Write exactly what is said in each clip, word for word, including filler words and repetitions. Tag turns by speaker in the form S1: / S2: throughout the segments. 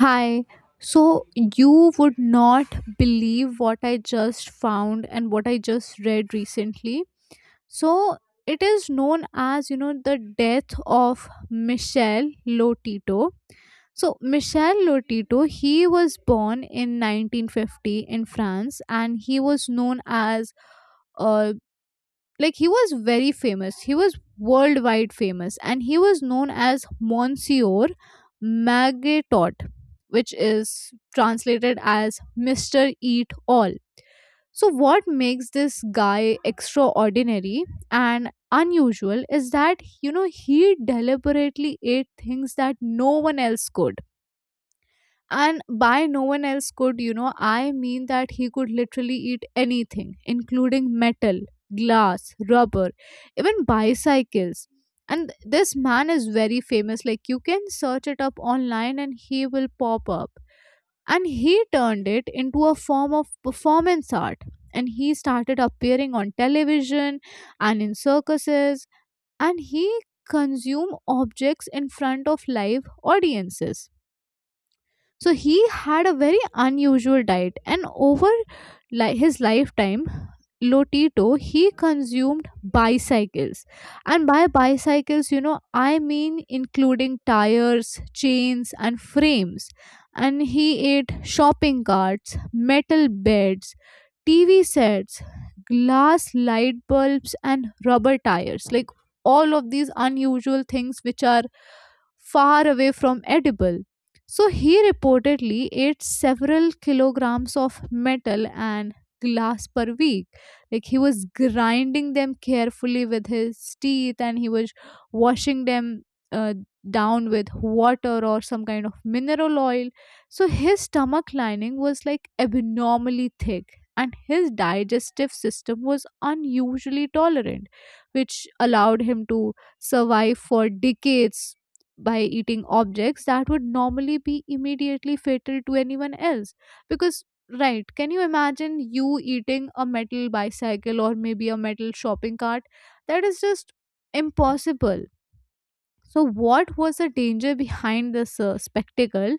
S1: Hi. So you would not believe what I just found and what I just read recently. So it is known as, you know, the death of Michel Lotito. So Michel Lotito, he was born in nineteen fifty in France and he was known as, like, he was very famous, he was worldwide famous, and he was known as monsieur Magetot, which is translated as mr eat all. So what makes this guy extraordinary and unusual is that, you know, he deliberately ate things that no one else could. And by no one else could, you know, I mean that he could literally eat anything, including metal, glass, rubber, even bicycles. And this man is very famous. Like, you can search it up online and he will pop up. And he turned it into a form of performance art. And he started appearing on television and in circuses. And he consumed objects in front of live audiences. So he had a very unusual diet, and over li- his lifetime Lotito, he consumed bicycles. And by bicycles, you know, I mean including tires, chains, and frames. And he ate shopping carts, metal beds, T V sets, glass light bulbs, and rubber tires. Like, all of these unusual things which are far away from edible. So he reportedly ate several kilograms of metal and glass per week. Like, he was grinding them carefully with his teeth and he was washing them uh, down with water or some kind of mineral oil. So his stomach lining was, like, abnormally thick and his digestive system was unusually tolerant, which allowed him to survive for decades by eating objects that would normally be immediately fatal to anyone else, because... Right. Can you imagine you eating a metal bicycle or maybe a metal shopping cart? That is just impossible. So, what was the danger behind this uh, spectacle?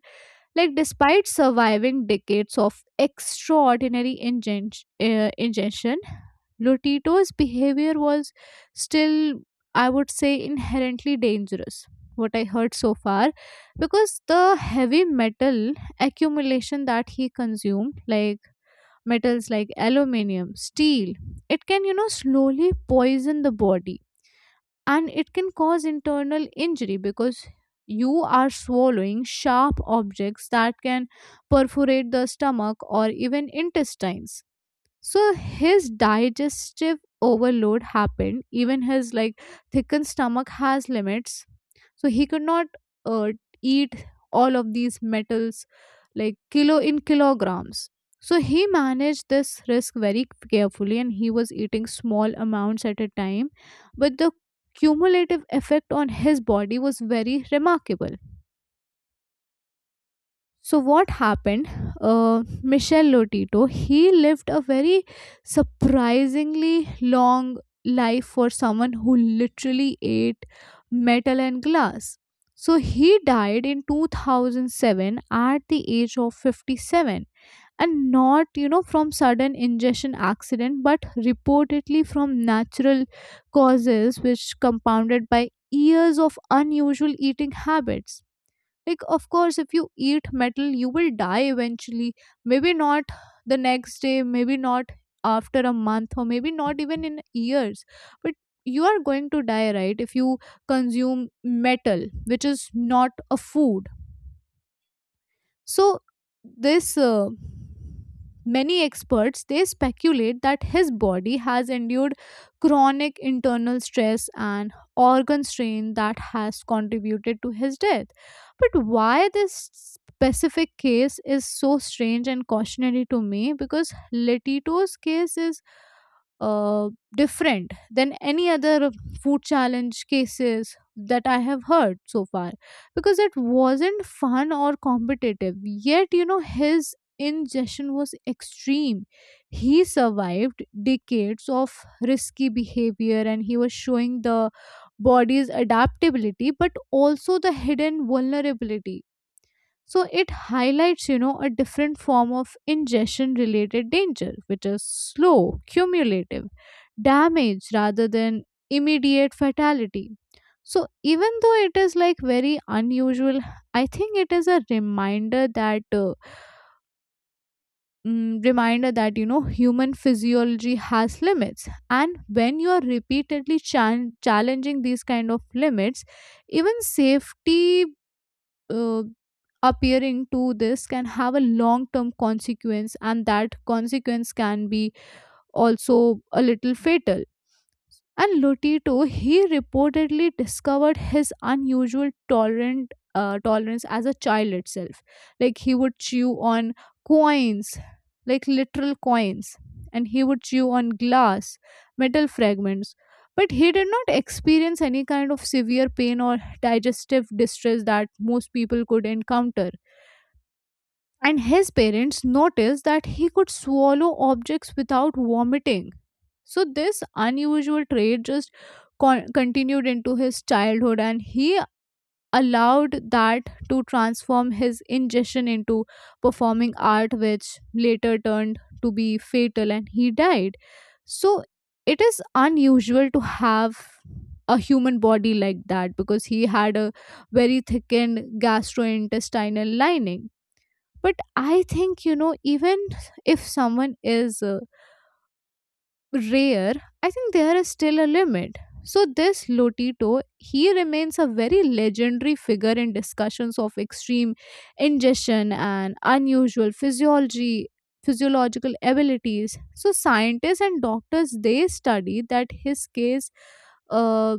S1: Like, despite surviving decades of extraordinary ingen- uh, ingestion, Lotito's behavior was still, I would say, inherently dangerous. What I heard so far, because the heavy metal accumulation that he consumed, like, metals like aluminium, steel. It can, you know, slowly poison the body, and it can cause internal injury because you are swallowing sharp objects that can perforate the stomach or even intestines. So his digestive overload happened, even his, like, thickened stomach has limits. So he could not uh, eat all of these metals like kilo in kilograms. So he managed this risk very carefully and he was eating small amounts at a time, but the cumulative effect on his body was very remarkable. So what happened? Uh, Michel Lotito, he lived a very surprisingly long life for someone who literally ate metal and glass. So he died in two thousand seven at the age of fifty-seven, and not, you know, from sudden ingestion accident, but reportedly from natural causes which compounded by years of unusual eating habits. Like, of course, if you eat metal, you will die eventually. Maybe not the next day, maybe not after a month, or maybe not even in years, but you are going to die, right, if you consume metal, which is not a food. So this uh, many experts, they speculate that his body has endured chronic internal stress and organ strain that has contributed to his death. But why this specific case is so strange and cautionary to me, because letito's case is uh, different than any other food challenge cases that I have heard so far, because it wasn't fun or competitive. Yet, you know, his ingestion was extreme. He survived decades of risky behavior and he was showing the body's adaptability but also the hidden vulnerability. So it highlights, you know, a different form of ingestion related danger, which is slow, cumulative damage rather than immediate fatality. So even though it is, like, very unusual, I think it is a reminder that uh, mm, reminder that, you know, human physiology has limits, and when you are repeatedly chan challenging these kind of limits, even safety uh, appearing to this can have a long term consequence, and that consequence can be also a little fatal. And Lotito, he reportedly discovered his unusual tolerant uh, tolerance as a child itself. Like, he would chew on coins, like, literal coins, and he would chew on glass, metal fragments. But he did not experience any kind of severe pain or digestive distress that most people could encounter, and his parents noticed that he could swallow objects without vomiting. So, this unusual trait just con- continued into his childhood, and he allowed that to transform his ingestion into performing art, which later turned to be fatal and he died. So, it is unusual to have a human body like that, because he had a very thickened gastrointestinal lining. But I think, you know, even if someone is uh, rare, I think there is still a limit. So this Lotito, he remains a very legendary figure in discussions of extreme ingestion and unusual physiology, physiological abilities. So scientists and doctors, they study that his case uh,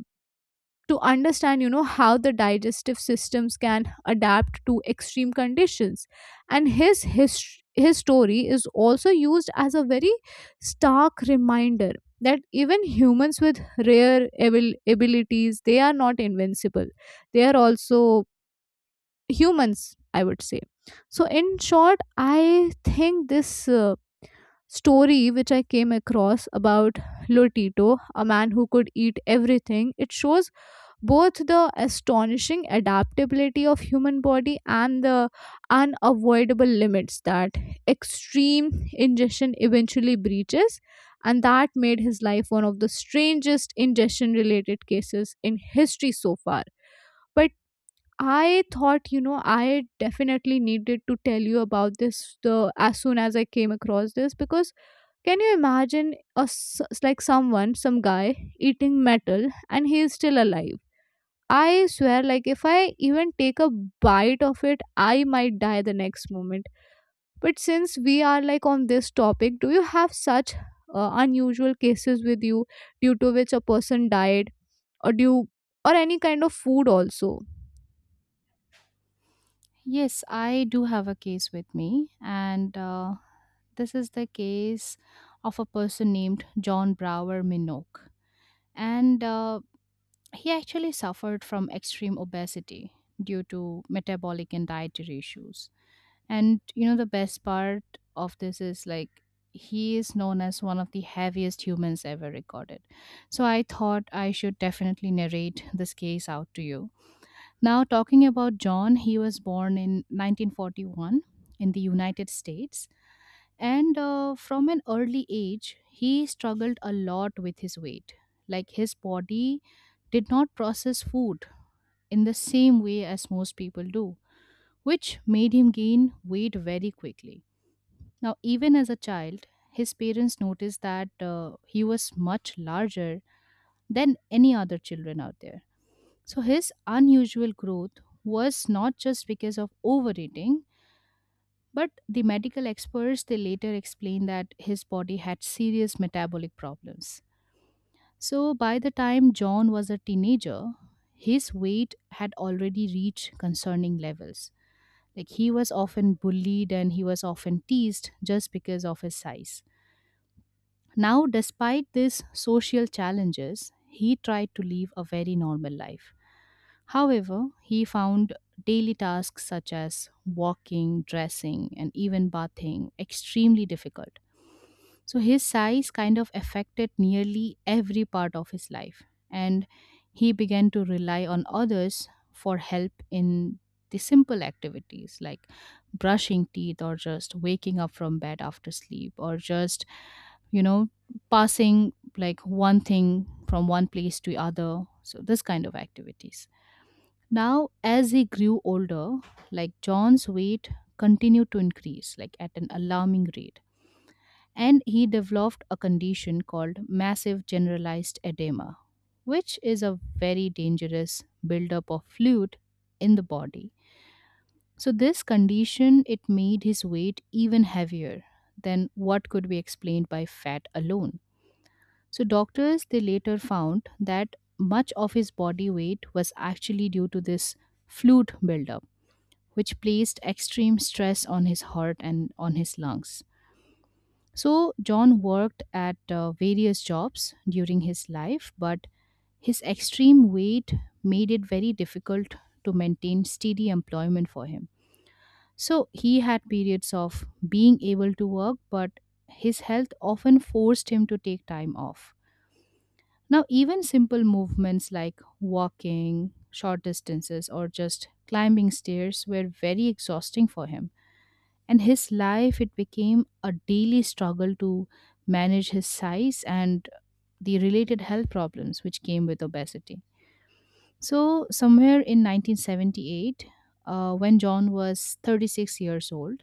S1: to understand, you know, how the digestive systems can adapt to extreme conditions. And his his, his story is also used as a very stark reminder that even humans with rare abil- abilities, they are not invincible, they are also humans, I would say. So, in short, I think this uh, story which I came across about Lotito, a man who could eat everything, it shows both the astonishing adaptability of human body and the unavoidable limits that extreme ingestion eventually breaches, and that made his life one of the strangest ingestion related cases in history so far. But I thought, you know, I definitely needed to tell you about this, the, as soon as I came across this, because can you imagine a s- like, someone, some guy eating metal and he is still alive? I swear, like, if I even take a bite of it, I might die the next moment. But since we are, like, on this topic, do you have such uh, unusual cases with you due to which a person died, or do you, or any kind of food also?
S2: Yes, I do have a case with me, and uh, this is the case of a person named John Brower Minogue. And uh, he actually suffered from extreme obesity due to metabolic and dietary issues. And you know, the best part of this is like he is known as one of the heaviest humans ever recorded. So I thought I should definitely narrate this case out to you. Now, talking about John, he was born in nineteen forty-one in the United States, and uh, from an early age, he struggled a lot with his weight. Like his body did not process food in the same way as most people do, which made him gain weight very quickly. Now, even as a child, his parents noticed that uh, he was much larger than any other children out there, so his unusual growth was not just because of overeating, but the medical experts they later explained that his body had serious metabolic problems. So by the time John was a teenager, his weight had already reached concerning levels. Like he was often bullied and he was often teased just because of his size. Now, despite these social challenges, he tried to live a very normal life. However, he found daily tasks such as walking, dressing, and even bathing extremely difficult. So his size kind of affected nearly every part of his life, and he began to rely on others for help in the simple activities like brushing teeth or just waking up from bed after sleep or just you know passing like one thing from one place to other, so this kind of activities. Now, as he grew older, like John's weight continued to increase, like at an alarming rate, and he developed a condition called massive generalized edema, which is a very dangerous buildup of fluid in the body. So this condition it made his weight even heavier than what could be explained by fat alone. So doctors they later found that much of his body weight was actually due to this fluid buildup, which placed extreme stress on his heart and on his lungs. So, John worked at uh, various jobs during his life, but his extreme weight made it very difficult to maintain steady employment for him. So, he had periods of being able to work, but his health often forced him to take time off. Now, even simple movements like walking, short distances, or just climbing stairs were very exhausting for him. And his life it became a daily struggle to manage his size and the related health problems which came with obesity. So somewhere in nineteen seventy-eight, uh, when John was thirty-six years old,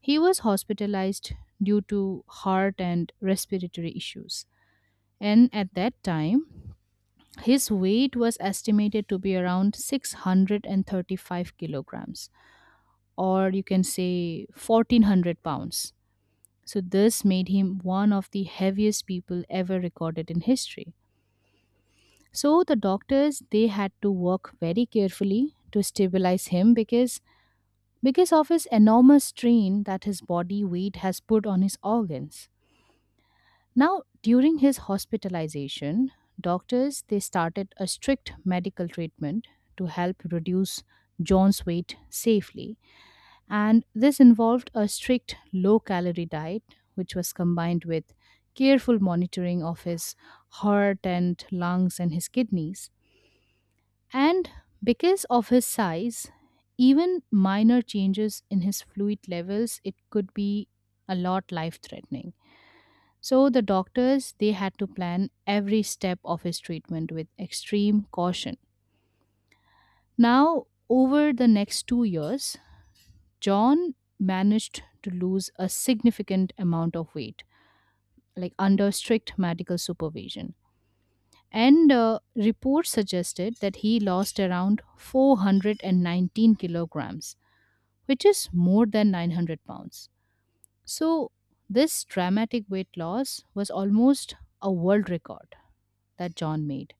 S2: he was hospitalized due to heart and respiratory issues, and at that time his weight was estimated to be around six hundred thirty-five kilograms, or you can say fourteen hundred pounds. So, this made him one of the heaviest people ever recorded in history. So, the doctors they had to work very carefully to stabilize him because because of his enormous strain that his body weight has put on his organs. Now, during his hospitalization, doctors they started a strict medical treatment to help reduce John's weight safely. And this involved a strict low calorie diet, which was combined with careful monitoring of his heart and lungs and his kidneys. And because of his size, even minor changes in his fluid levels, it could be a lot life threatening. So the doctors they had to plan every step of his treatment with extreme caution. Now, over the next two years, John managed to lose a significant amount of weight, like under strict medical supervision. And uh, reports suggested that he lost around four hundred nineteen kilograms, which is more than nine hundred pounds. So, this dramatic weight loss was almost a world record that John made,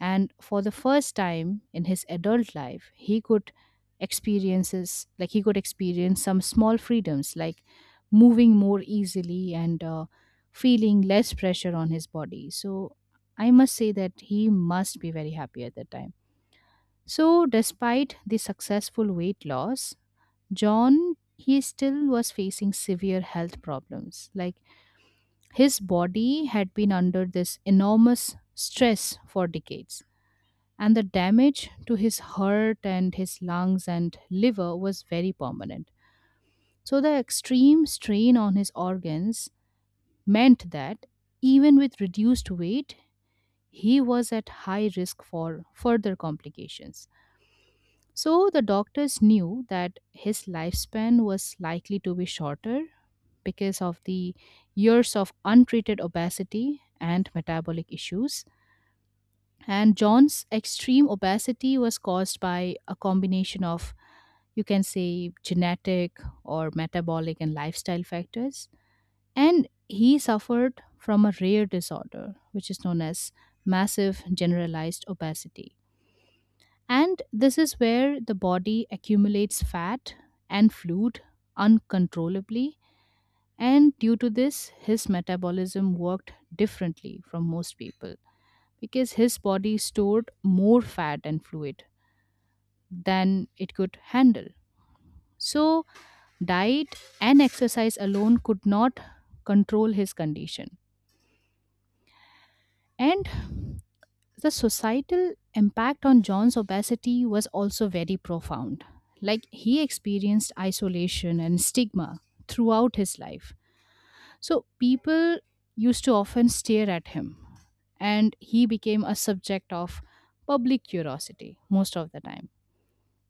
S2: and for the first time in his adult life he could experiences, like he could experience some small freedoms like moving more easily and uh, feeling less pressure on his body. So I must say that he must be very happy at that time. So despite the successful weight loss, John he still was facing severe health problems, like his body had been under this enormous stress for decades, and the damage to his heart and his lungs and liver was very permanent. So, the extreme strain on his organs meant that even with reduced weight, he was at high risk for further complications. So, the doctors knew that his lifespan was likely to be shorter because of the years of untreated obesity and metabolic issues. And John's extreme obesity was caused by a combination of, you can say, genetic or metabolic and lifestyle factors. And he suffered from a rare disorder, which is known as massive generalized obesity. And this is where the body accumulates fat and fluid uncontrollably. And due to this, his metabolism worked differently from most people because his body stored more fat and fluid than it could handle. So, diet and exercise alone could not control his condition. And the societal impact on John's obesity was also very profound. Like, he experienced isolation and stigma throughout his life. So, people used to often stare at him, and he became a subject of public curiosity most of the time.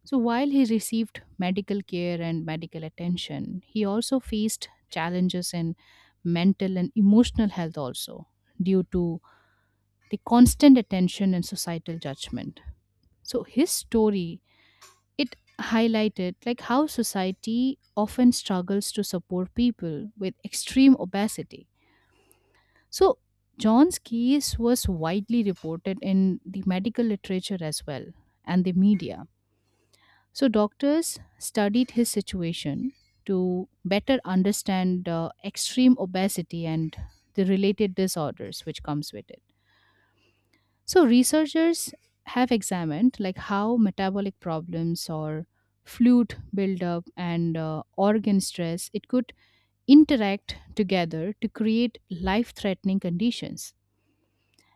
S2: So while he received medical care and medical attention, he also faced challenges in mental and emotional health also due to the constant attention and societal judgment. So his story it highlighted like how society often struggles to support people with extreme obesity. So John's case was widely reported in the medical literature as well and the media. So, doctors studied his situation to better understand uh, extreme obesity and the related disorders which comes with it. So, researchers have examined like how metabolic problems or fluid buildup and uh, organ stress it could interact together to create life-threatening conditions.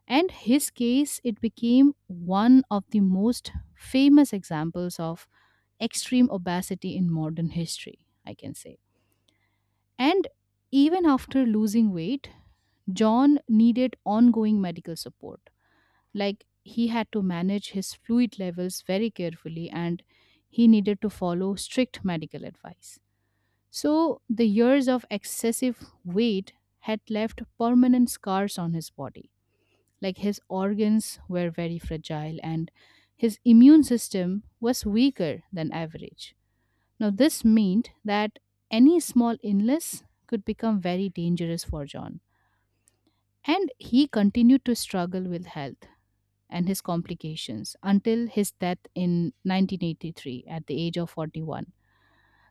S2: And his case it became one of the most famous examples of extreme obesity in modern history, I can say. And even after losing weight, John needed ongoing medical support. Like he had to manage his fluid levels very carefully and he needed to follow strict medical advice. So the years of excessive weight had left permanent scars on his body. Like his organs were very fragile and his immune system was weaker than average. Now, this meant that any small illness could become very dangerous for John. And he continued to struggle with health and his complications until his death in nineteen eighty-three at the age of forty-one.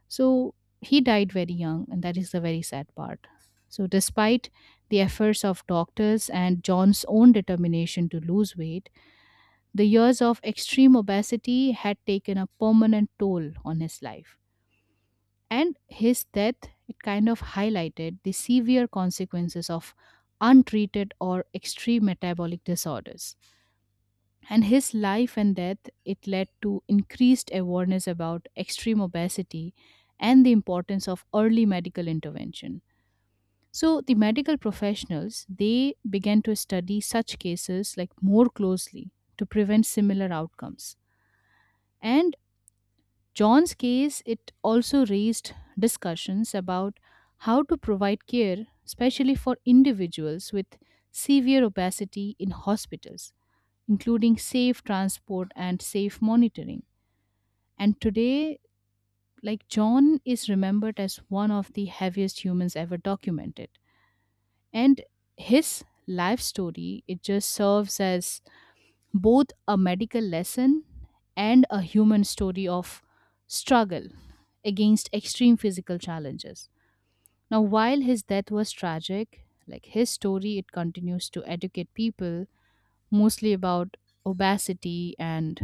S2: So, he died very young, and that is the very sad part. So, despite the efforts of doctors and John's own determination to lose weight, the years of extreme obesity had taken a permanent toll on his life. And his death, it kind of highlighted the severe consequences of untreated or extreme metabolic disorders. And his life and death, it led to increased awareness about extreme obesity and the importance of early medical intervention. So the medical professionals, they began to study such cases like more closely to prevent similar outcomes. And John's case, it also raised discussions about how to provide care, especially for individuals with severe obesity in hospitals, including safe transport and safe monitoring. And today, like John is remembered as one of the heaviest humans ever documented. And his life story, it just serves as both a medical lesson and a human story of struggle against extreme physical challenges. Now, while his death was tragic, like his story, it continues to educate people mostly about obesity and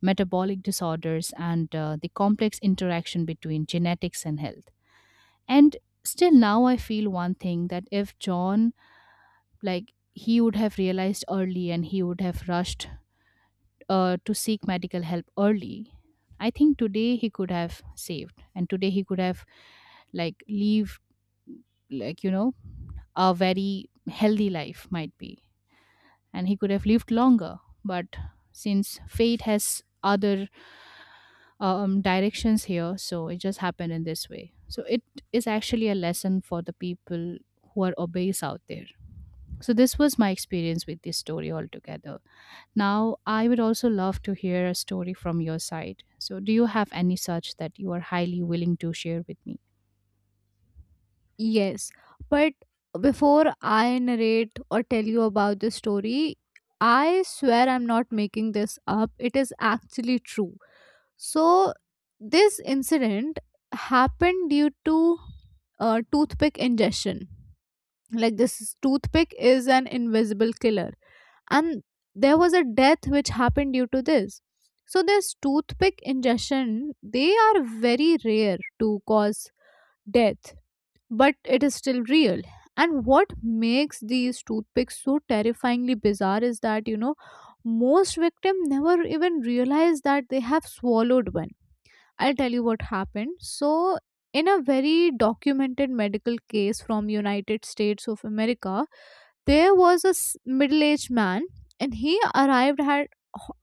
S2: metabolic disorders and uh, the complex interaction between genetics and health. And still now I feel one thing that if John, like, he would have realized early and he would have rushed uh, to seek medical help early, I think today he could have saved and today he could have like lived, like you know a very healthy life might be, and he could have lived longer. But since fate has other um, directions here. So it just happened in this way. So it is actually a lesson for the people who are obese out there. So this was my experience with this story altogether. Now I would also love to hear a story from your side. So do you have any such that you are highly willing to share with me?
S1: Yes, but before I narrate or tell you about this story, I swear I'm not making this up. It is actually true. So this incident happened due to uh, toothpick ingestion. Like, this toothpick is an invisible killer, and there was a death which happened due to this. So this toothpick ingestion, they are very rare to cause death, but it is still real. And what makes these toothpicks so terrifyingly bizarre is that, you know, most victims never even realize that they have swallowed one. I'll tell you what happened. So, in a very documented medical case from United States of America, there was a s- middle-aged man, and he arrived at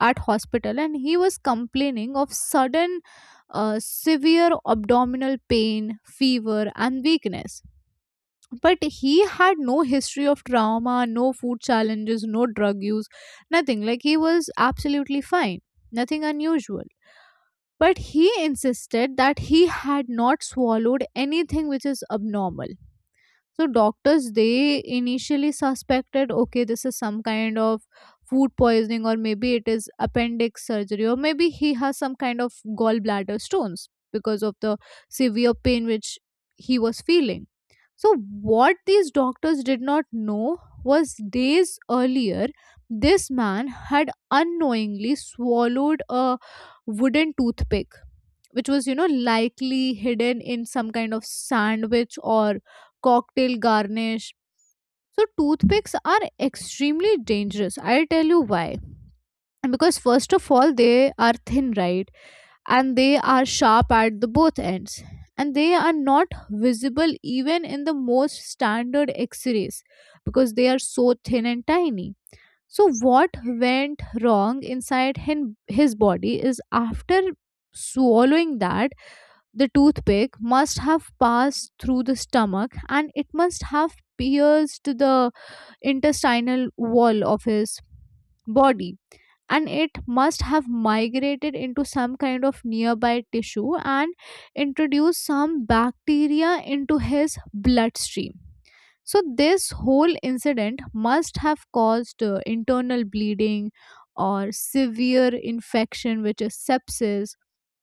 S1: at hospital and he was complaining of sudden uh, severe abdominal pain, fever and weakness. But he had no history of trauma, no food challenges, no drug use, nothing. Like, he was absolutely fine. Nothing unusual, but he insisted that he had not swallowed anything which is abnormal. So doctors, they initially suspected, okay, this is some kind of food poisoning, or maybe it is appendix surgery, or maybe he has some kind of gallbladder stones because of the severe pain which he was feeling. So, what these doctors did not know was, days earlier, this man had unknowingly swallowed a wooden toothpick, which was, you know, likely hidden in some kind of sandwich or cocktail garnish. So toothpicks are extremely dangerous, I'll tell you why. Because first of all, they are thin, right, and they are sharp at the both ends, and they are not visible even in the most standard x-rays, because they are so thin and tiny. So what went wrong inside hin- his body is, after swallowing that, the toothpick must have passed through the stomach, and it must have pierced the intestinal wall of his body. And it must have migrated into some kind of nearby tissue and introduced some bacteria into his bloodstream. So, this whole incident must have caused uh, internal bleeding or severe infection, which is sepsis,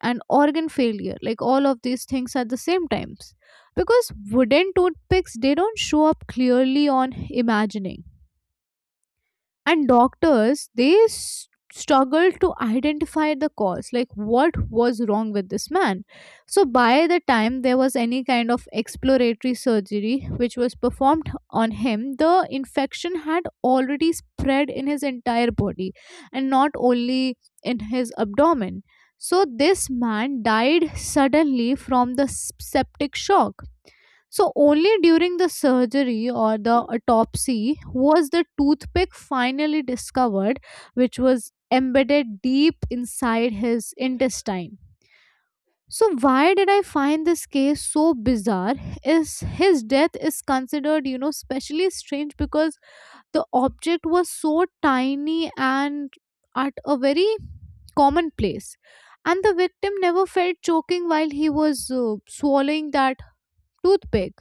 S1: and organ failure. Like, all of these things at the same times. Because wooden toothpicks, they don't show up clearly on imagining, and doctors they s- struggled to identify the cause, like what was wrong with this man. So by the time there was any kind of exploratory surgery which was performed on him, the infection had already spread in his entire body, and not only in his abdomen. So this man died suddenly from the s- septic shock. So only during the surgery or the autopsy was the toothpick finally discovered, which was embedded deep inside his intestine. So why did I find this case so bizarre? Is, his death is considered, you know, specially strange because the object was so tiny and at a very common place, and the victim never felt choking while he was uh, swallowing that toothpick,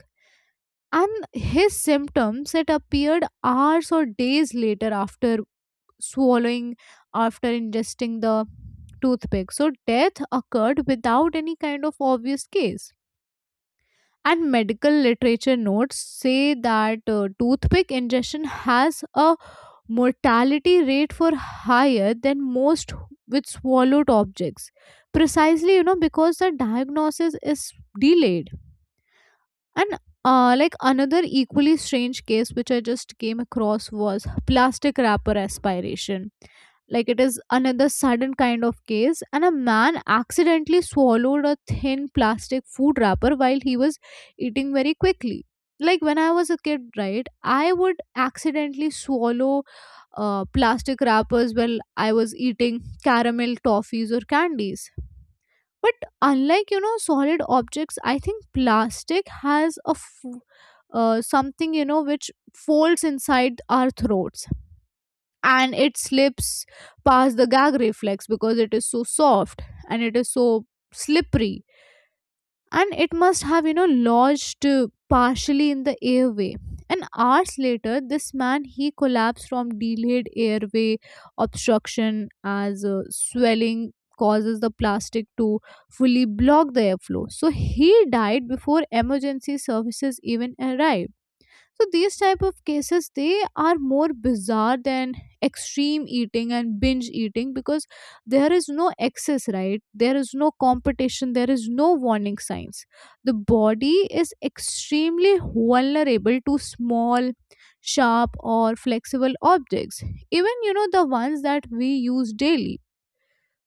S1: and his symptoms, it appeared hours or days later after swallowing, after ingesting the toothpick. So death occurred without any kind of obvious case, and medical literature notes say that uh, toothpick ingestion has a mortality rate for higher than most with swallowed objects, precisely, you know, because the diagnosis is delayed. And uh, like, another equally strange case which I just came across was plastic wrapper aspiration. Like, it is another sudden kind of case, and a man accidentally swallowed a thin plastic food wrapper while he was eating very quickly. Like, when I was a kid, right, I would accidentally swallow uh, plastic wrappers while I was eating caramel toffees or candies. But unlike, you know, solid objects, I think plastic has a f- uh, something, you know, which folds inside our throats and it slips past the gag reflex because it is so soft and it is so slippery, and it must have, you know, lodged uh, partially in the airway, and hours later this man he collapsed from delayed airway obstruction, as uh, swelling causes the plastic to fully block the airflow, so he died before emergency services even arrived. So these type of cases, they are more bizarre than extreme eating and binge eating, because there is no excess, right, there is no competition, there is no warning signs. The body is extremely vulnerable to small sharp or flexible objects, even, you know, the ones that we use daily.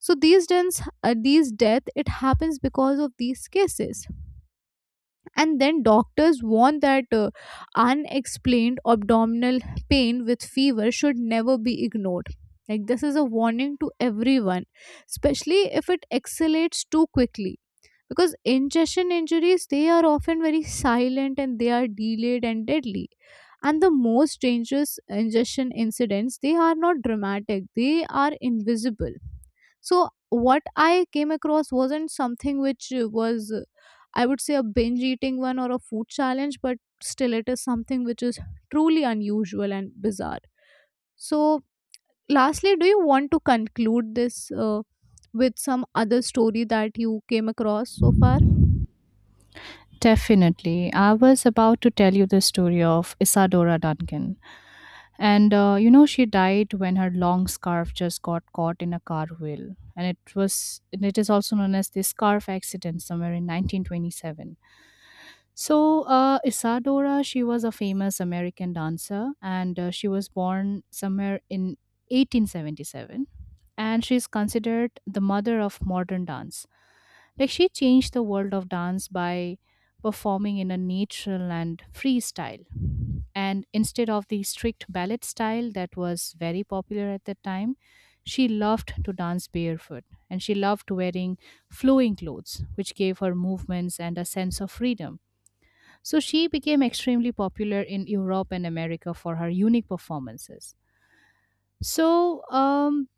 S1: So these dents uh, these death, it happens because of these cases. And then doctors warn that uh, unexplained abdominal pain with fever should never be ignored. Like, this is a warning to everyone, especially if it escalates too quickly, because ingestion injuries, they are often very silent, and they are delayed and deadly. And the most dangerous ingestion incidents, they are not dramatic, they are invisible. So what I came across wasn't something which uh, was uh, I would say a binge eating one or a food challenge, but still it is something which is truly unusual and bizarre. So, lastly, do you want to conclude this uh, with some other story that you came across so far?
S2: Definitely. I was about to tell you the story of Isadora Duncan. And uh, you know, she died when her long scarf just got caught in a car wheel, and it was and it is also known as the scarf accident somewhere in nineteen twenty-seven. So uh, Isadora, she was a famous American dancer, and uh, she was born somewhere in eighteen seventy-seven, and she is considered the mother of modern dance. Like she changed the world of dance by performing in a natural and free style and instead of the strict ballet style that was very popular at the time, she loved to dance barefoot and she loved wearing flowing clothes, which gave her movements and a sense of freedom. So she became extremely popular in Europe and America for her unique performances. So, um,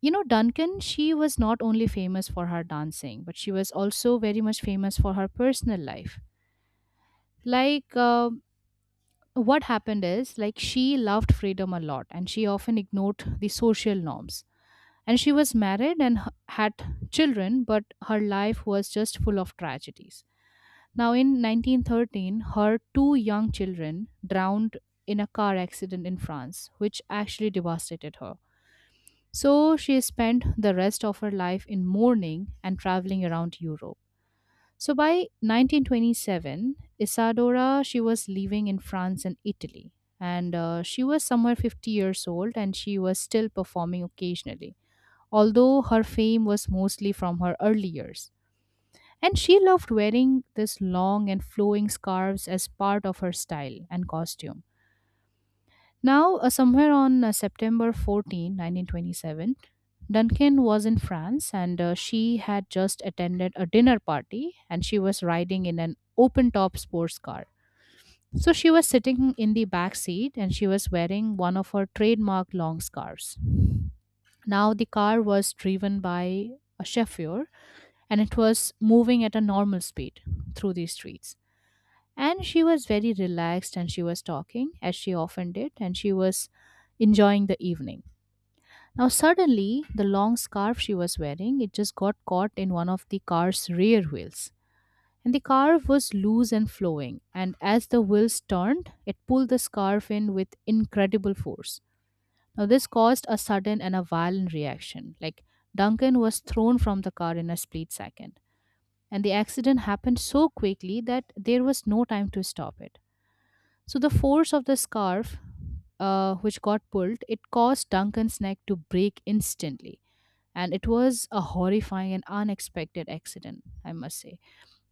S2: you know, Duncan, she was not only famous for her dancing, but she was also very much famous for her personal life. Like, uh, what happened is like she loved freedom a lot and she often ignored the social norms, and she was married and h- had children, but her life was just full of tragedies. Now in nineteen thirteen, her two young children drowned in a car accident in France, which actually devastated her. So she spent the rest of her life in mourning and traveling around Europe. So by nineteen twenty-seven, Isadora she was living in France and Italy, and uh, she was somewhere fifty years old, and she was still performing occasionally. Although her fame was mostly from her early years, and she loved wearing this long and flowing scarves as part of her style and costume. Now, uh, somewhere on uh, September fourteenth, nineteen twenty-seven, Duncan was in France and uh, she had just attended a dinner party and she was riding in an open top sports car. So she was sitting in the back seat and she was wearing one of her trademark long scarves. Now the car was driven by a chauffeur and it was moving at a normal speed through the streets. And she was very relaxed and she was talking as she often did and she was enjoying the evening. Now, suddenly, the long scarf she was wearing, it just got caught in one of the car's rear wheels. And the car was loose and flowing, and as the wheels turned, it pulled the scarf in with incredible force. Now, this caused a sudden and a violent reaction. Like, Duncan was thrown from the car in a split second. And the accident happened so quickly that there was no time to stop it. So, the force of the scarf, uh, which got pulled, it caused Duncan's neck to break instantly, and it was a horrifying and unexpected accident, I must say.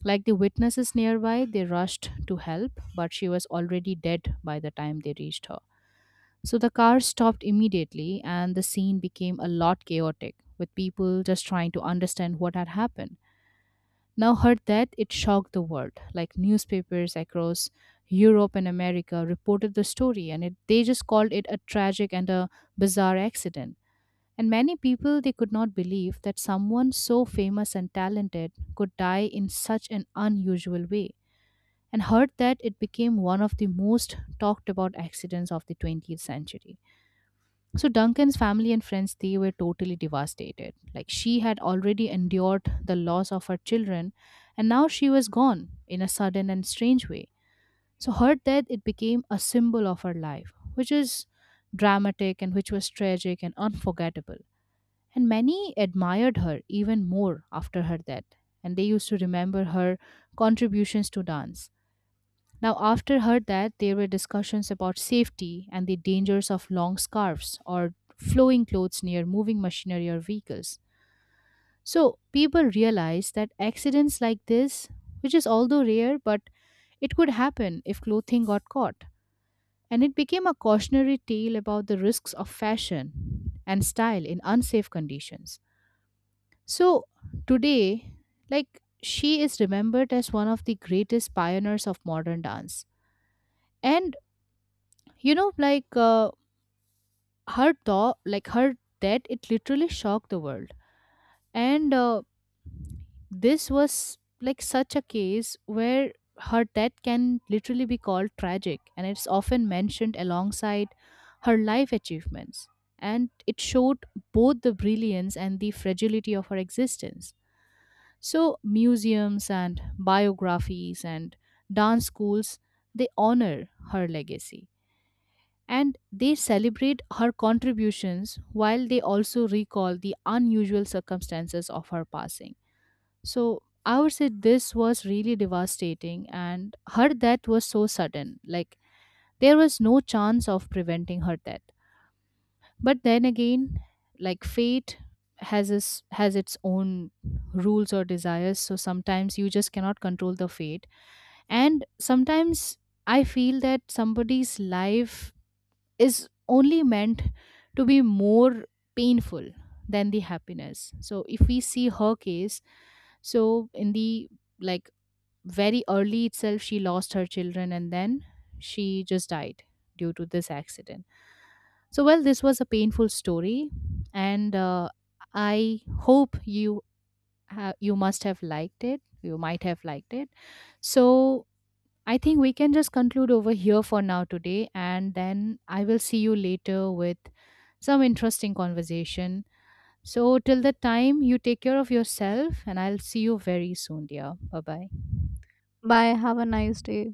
S2: Like the witnesses nearby, they rushed to help, but she was already dead by the time they reached her. So the car stopped immediately, and the scene became a lot chaotic, with people just trying to understand what had happened. Now, her death, it shocked the world. Like newspapers across Europe and America reported the story, and it, they just called it a tragic and a bizarre accident, and many people they could not believe that someone so famous and talented could die in such an unusual way, and heard that it became one of the most talked about accidents of the twentieth century. So Duncan's family and friends they were totally devastated. Like she had already endured the loss of her children, and now she was gone in a sudden and strange way. So her death it became a symbol of her life, which is dramatic and which was tragic and unforgettable. And many admired her even more after her death, and they used to remember her contributions to dance. Now, after her death, there were discussions about safety and the dangers of long scarves or flowing clothes near moving machinery or vehicles. So, people realized that accidents like this, which is although rare, but it could happen if clothing got caught. And it became a cautionary tale about the risks of fashion and style in unsafe conditions. So today, like she is remembered as one of the greatest pioneers of modern dance. And you know, like uh, her thought, like her death, it literally shocked the world. And uh, This was like such a case where her death can literally be called tragic, and it's often mentioned alongside her life achievements. And it showed both the brilliance and the fragility of her existence. So, museums and biographies and dance schools, they honor her legacy and they celebrate her contributions while they also recall the unusual circumstances of her passing. So, I would say this was really devastating, and her death was so sudden. Like, there was no chance of preventing her death. But then again, like fate has its has its own rules or desires, so sometimes you just cannot control the fate. And sometimes I feel that somebody's life is only meant to be more painful than the happiness. So if we see her case, so in the like very early itself she lost her children, and then she just died due to this accident. So well, this was a painful story, and uh, I hope you ha- you must have liked it you might have liked it. So I think we can just conclude over here for now today, and then I will see you later with some interesting conversation. So till that time you take care of yourself, and I'll see you very soon, dear. Bye bye.
S1: Bye. Have a nice day.